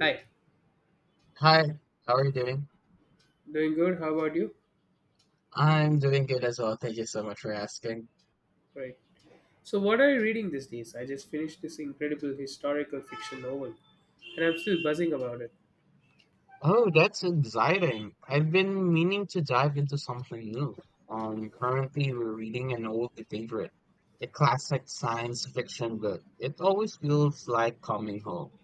Hi, Hi, how are you doing? doing good. How about you? I'm doing good as well. Thank you so much for asking. Right. So, what are you reading these days? I just finished this incredible historical fiction novel, and I'm still buzzing about it. Oh, that's exciting. I've been meaning to dive into something new. Currently we're reading an old favorite, a classic science fiction book. It always feels like coming home.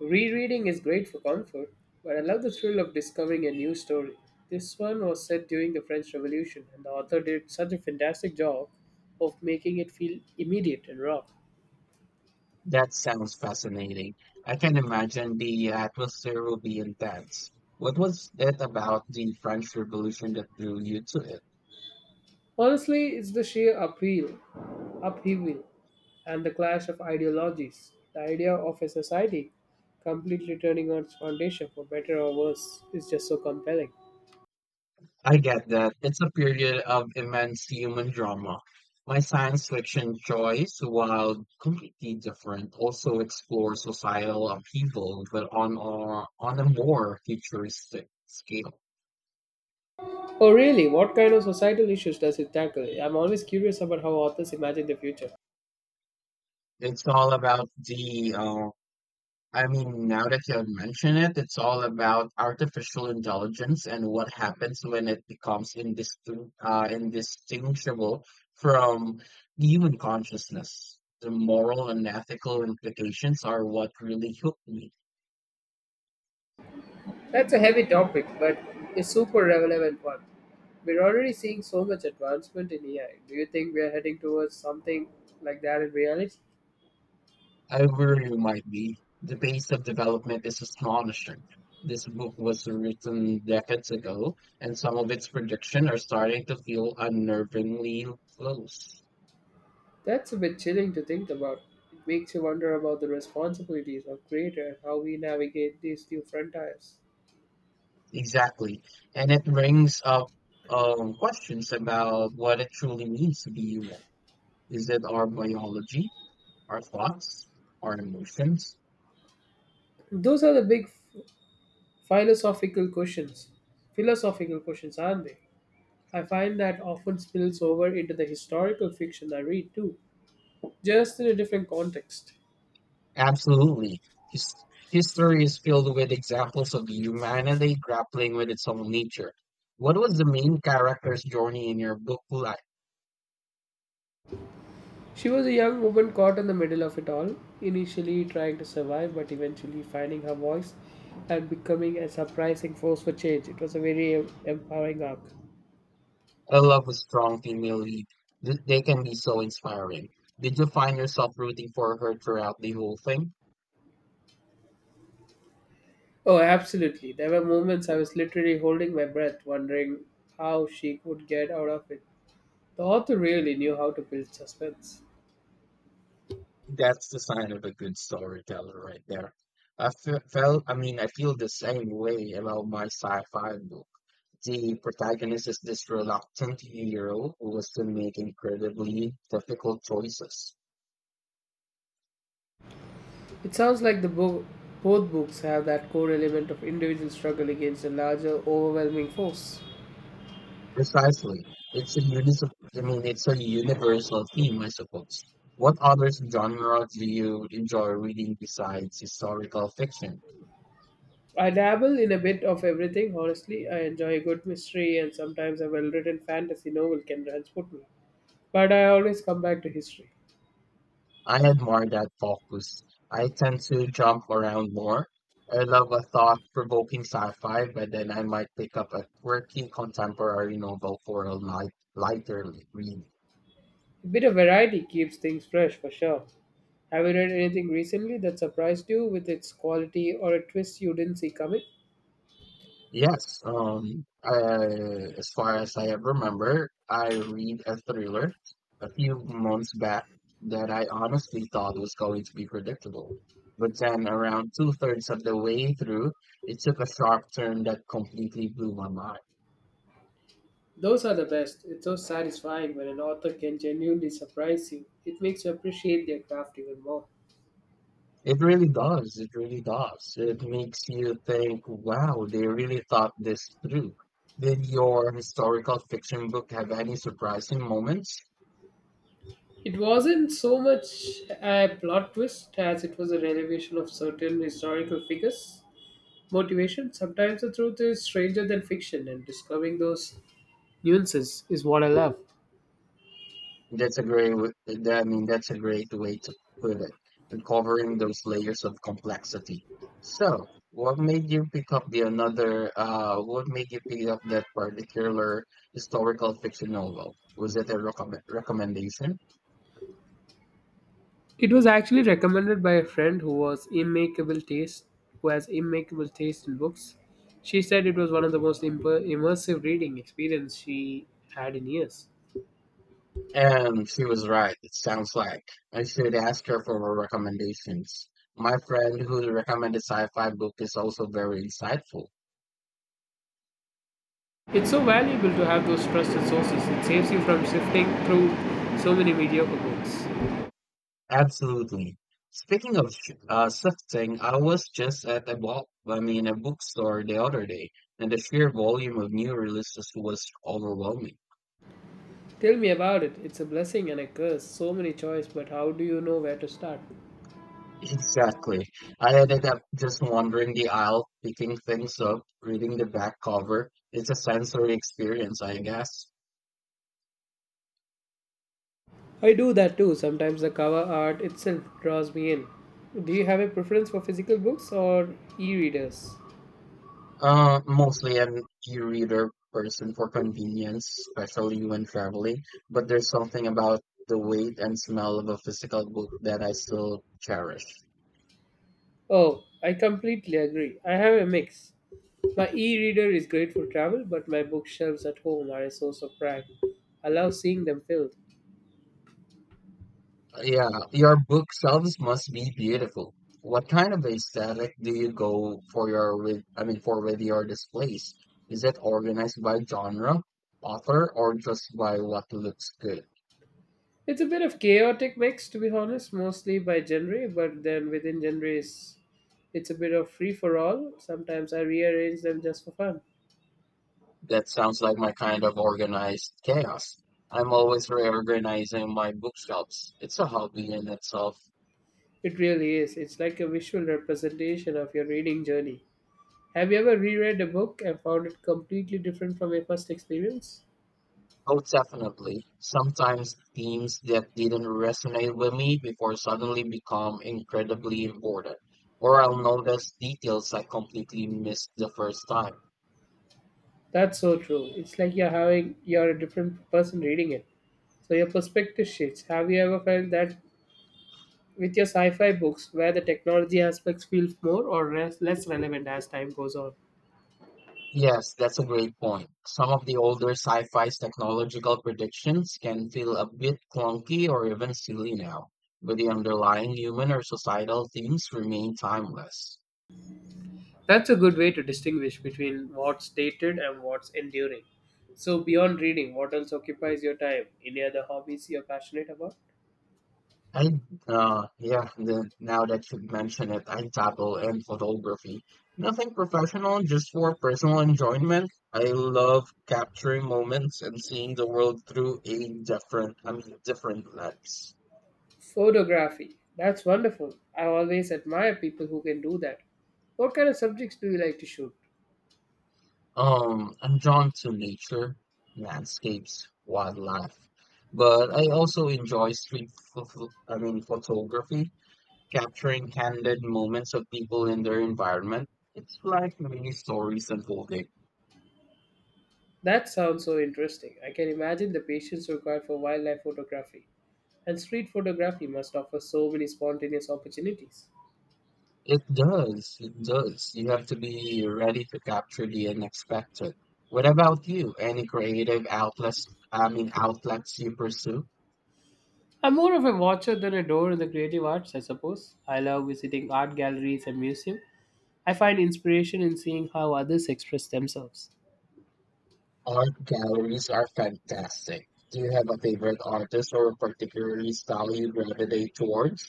Rereading is great for comfort, but I love the thrill of discovering a new story. This one was set during the French Revolution, and the author did such a fantastic job of making it feel immediate and raw. That sounds fascinating. I can imagine the atmosphere will be intense. What was it about the French Revolution that drew you to it? Honestly, it's the sheer appeal, upheaval, and the clash of ideologies. The idea of a society completely turning on its foundation for better or worse is just so compelling. I get that. It's a period of immense human drama. My science fiction choice, while completely different, also explores societal upheaval, but on a more futuristic scale. Oh, really? What kind of societal issues does it tackle? I'm always curious about how authors imagine the future. It's all about the now that you have mentioned it, it's all about artificial intelligence and what happens when it becomes indistinguishable from human consciousness. The moral and ethical implications are what really hooked me. That's a heavy topic, but a super relevant one. We're already seeing so much advancement in AI. Do you think we are heading towards something like that in reality? I worry you might be. The pace of development is astonishing. This book was written decades ago, and some of its predictions are starting to feel unnervingly close. That's a bit chilling to think about. It makes you wonder about the responsibilities of creator and how we navigate these new frontiers. Exactly. And it brings up questions about what it truly means to be human. Is it our biology, our thoughts, our emotions? Those are the big philosophical questions. Philosophical questions, aren't they? I find that often spills over into the historical fiction I read too, just in a different context. Absolutely. His- History is filled with examples of humanity grappling with its own nature. What was the main character's journey in your book like? She was a young woman caught in the middle of it all, initially trying to survive but eventually finding her voice and becoming a surprising force for change. It was a very empowering arc. I love a strong female lead. They can be so inspiring. Did you find yourself rooting for her throughout the whole thing? Oh, absolutely. There were moments I was literally holding my breath, wondering how she could get out of it. The author really knew how to build suspense. That's the sign of a good storyteller right there. I fe- felt, I mean, I feel the same way about my sci-fi book. The protagonist is this reluctant hero who has to make incredibly difficult choices. It sounds like both books have that core element of individual struggle against a larger, overwhelming force. Precisely. It's a universal theme, I suppose. What other genre do you enjoy reading besides historical fiction? I dabble in a bit of everything, honestly. I enjoy a good mystery, and sometimes a well written fantasy novel can transport me. But I always come back to history. I admire that focus. I tend to jump around more. I love a thought-provoking sci-fi, but then I might pick up a quirky contemporary novel for a lighter read. A bit of variety keeps things fresh for sure. Have you read anything recently that surprised you with its quality or a twist you didn't see coming? Yes, as far as I ever remember, I read a thriller a few months back that I honestly thought was going to be predictable. But then around two-thirds of the way through, it took a sharp turn that completely blew my mind. Those are the best. It's so satisfying when an author can genuinely surprise you. It makes you appreciate their craft even more. It really does. It really does. It makes you think, wow, they really thought this through. Did your historical fiction book have any surprising moments? It wasn't so much a plot twist as it was a revelation of certain historical figures' motivation. Sometimes the truth is stranger than fiction, and discovering those nuances is what I love. That's a great way to put it, uncovering those layers of complexity. So, what made you pick up the another, what made you pick up that particular historical fiction novel? Was it a recommendation? It was actually recommended by a friend who was immaculate taste, who has immaculate taste in books. She said it was one of the most immersive reading experience she had in years. And she was right, it sounds like. I should ask her for her recommendations. My friend who recommended sci-fi book is also very insightful. It's so valuable to have those trusted sources. It saves you from sifting through so many mediocre books. Absolutely. Speaking of shifting, I was just at a a bookstore the other day, and the sheer volume of new releases was overwhelming. Tell me about it. It's a blessing and a curse. So many choice, but how do you know where to start? Exactly. I ended up just wandering the aisle, picking things up, reading the back cover. It's a sensory experience, I guess. I do that too. Sometimes the cover art itself draws me in. Do you have a preference for physical books or e-readers? Mostly an e-reader person for convenience, especially when traveling, but there's something about the weight and smell of a physical book that I still cherish. Oh, I completely agree. I have a mix. My e reader is great for travel, but my bookshelves at home are a source of pride. I love seeing them filled. Yeah, your book shelves must be beautiful. What kind of aesthetic do you go for your with I mean for with your displays? Is it organized by genre, author, or just by what looks good? It's a bit of chaotic mix, to be honest, mostly by genre, but then within genres, it's a bit of free for all. Sometimes I rearrange them just for fun. That sounds like my kind of organized chaos. I'm always reorganizing my bookshelves. It's a hobby in itself. It really is. It's like a visual representation of your reading journey. Have you ever reread a book and found it completely different from your first experience? Oh, definitely. Sometimes themes that didn't resonate with me before suddenly become incredibly important. Or I'll notice details I completely missed the first time. That's so true. It's like you're a different person reading it. So your perspective shifts. Have you ever felt that with your sci-fi books where the technology aspects feel more or less relevant as time goes on? Yes, that's a great point. Some of the older sci-fi's technological predictions can feel a bit clunky or even silly now, but the underlying human or societal themes remain timeless. That's a good way to distinguish between what's dated and what's enduring. So beyond reading, what else occupies your time? Any other hobbies you're passionate about? I, yeah, now that you mention it, I dabble in photography. Nothing professional, just for personal enjoyment. I love capturing moments and seeing the world through a different lens. Photography. That's wonderful. I always admire people who can do that. What kind of subjects do you like to shoot? I'm drawn to nature, landscapes, wildlife, but I also enjoy street photo, I mean, photography, capturing candid moments of people in their environment. It's like mini stories unfolding. That sounds so interesting. I can imagine the patience required for wildlife photography. And street photography must offer so many spontaneous opportunities. It does, it does. You have to be ready to capture the unexpected. What about you? Any creative outlets, I mean, outlets you pursue? I'm more of a watcher than a door in the creative arts, I suppose. I love visiting art galleries and museums. I find inspiration in seeing how others express themselves. Art galleries are fantastic. Do you have a favorite artist or a particular style you gravitate towards?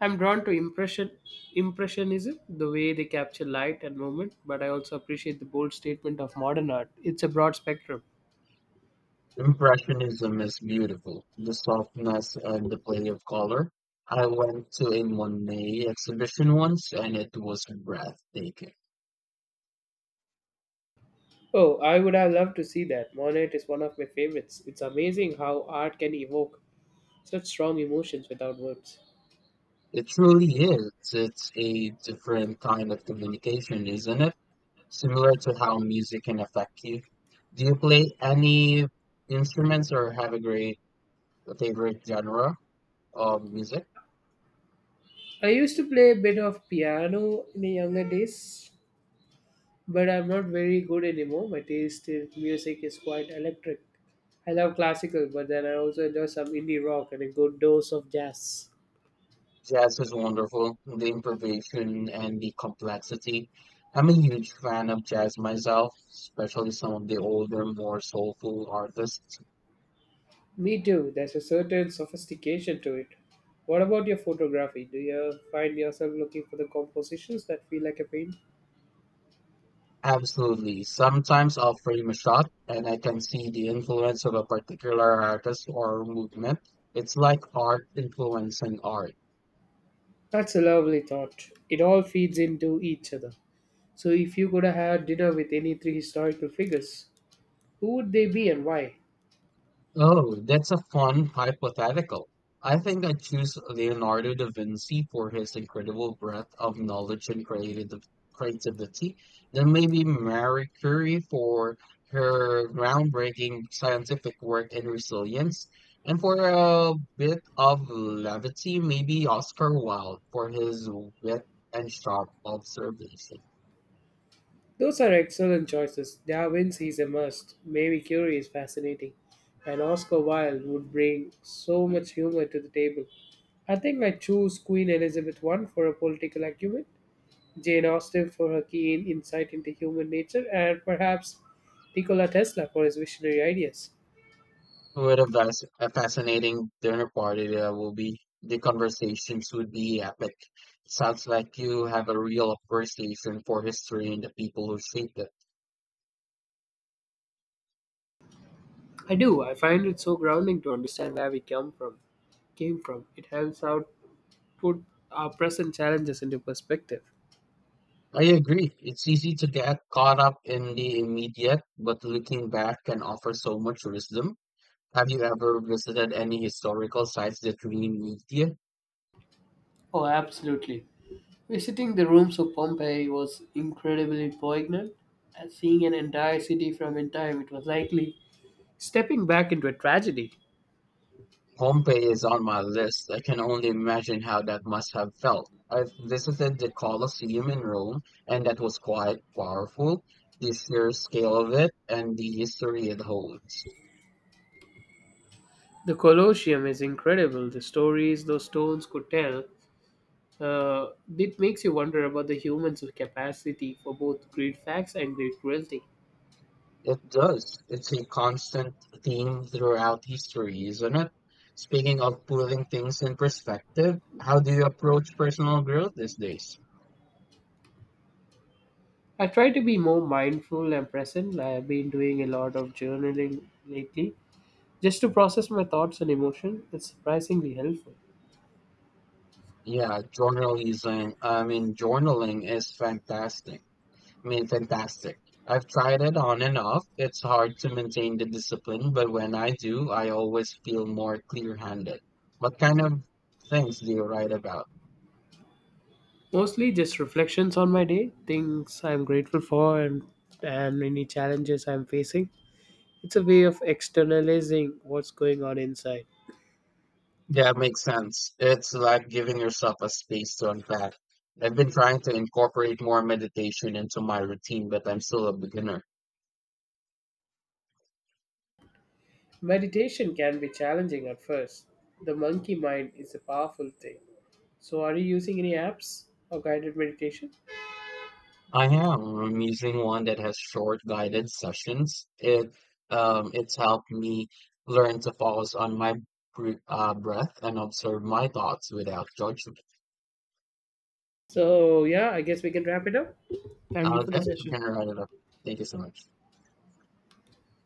I'm drawn to impressionism, the way they capture light and movement, but I also appreciate the bold statement of modern art. It's a broad spectrum. Impressionism is beautiful, the softness and the play of color. I went to a Monet exhibition once and it was breathtaking. Oh, I would have loved to see that. Monet is one of my favorites. It's amazing how art can evoke such strong emotions without words. It truly is. It's a different kind of communication, isn't it? Similar to how music can affect you. Do you play any instruments or have a favorite genre of music? I used to play a bit of piano in the younger days, but I'm not very good anymore. My taste in music is quite electric. I love classical, but then I also enjoy some indie rock and a good dose of jazz. Jazz is wonderful, the improvisation and the complexity. I'm a huge fan of jazz myself, especially some of the older, more soulful artists. Me too. There's a certain sophistication to it. What about your photography? Do you find yourself looking for the compositions that feel like a painting? Absolutely. Sometimes I'll frame a shot and I can see the influence of a particular artist or movement. It's like art influencing art. That's a lovely thought. It all feeds into each other. So, if you could have had dinner with any three historical figures, who would they be and why? Oh, that's a fun hypothetical. I think I'd choose Leonardo da Vinci for his incredible breadth of knowledge and creative creativity, then maybe Marie Curie for her groundbreaking scientific work and resilience, and for a bit of levity, maybe Oscar Wilde for his wit and sharp observation. Those are excellent choices. Darwin's is a must. Mary Curie is fascinating. And Oscar Wilde would bring so much humor to the table. I think I choose Queen Elizabeth I for her political acumen, Jane Austen for her keen insight into human nature, and perhaps Nikola Tesla for his visionary ideas. A fascinating dinner party that will be. The conversations would be epic. Sounds like you have a real appreciation for history and the people who shaped it. I do. I find it so grounding to understand where we come from, came from. It helps out put our present challenges into perspective. I agree. It's easy to get caught up in the immediate, but looking back can offer so much wisdom. Have you ever visited any historical sites that really moved you? Oh, absolutely. Visiting the rooms of Pompeii was incredibly poignant. And seeing an entire city from in time, it was likely stepping back into a tragedy. Pompeii is on my list. I can only imagine how that must have felt. I've visited the Colosseum in Rome, and that was quite powerful. The sheer scale of it and the history it holds. The Colosseum is incredible. The stories those stones could tell. Uh, it makes you wonder about the human's capacity for both great facts and great cruelty. It does. It's a constant theme throughout history, isn't it? Speaking of putting things in perspective, how do you approach personal growth these days? I try to be more mindful and present. I've been doing a lot of journaling lately just to process my thoughts and emotion. It's surprisingly helpful. Yeah, journaling is fantastic. I mean, fantastic. I've tried it on and off. It's hard to maintain the discipline, but when I do, I always feel more clear-handed. What kind of things do you write about? Mostly just reflections on my day, things I'm grateful for and any challenges I'm facing. It's a way of externalizing what's going on inside. Yeah, it makes sense. It's like giving yourself a space to unpack. I've been trying to incorporate more meditation into my routine, but I'm still a beginner. Meditation can be challenging at first. The monkey mind is a powerful thing. So are you using any apps or guided meditation? I am. I'm using one that has short guided sessions. It's helped me learn to focus on my br breath and observe my thoughts without judgment. So yeah, I guess we can wrap it up. Thank you for Okay, the I'm session. gonna write it up. Thank you so much.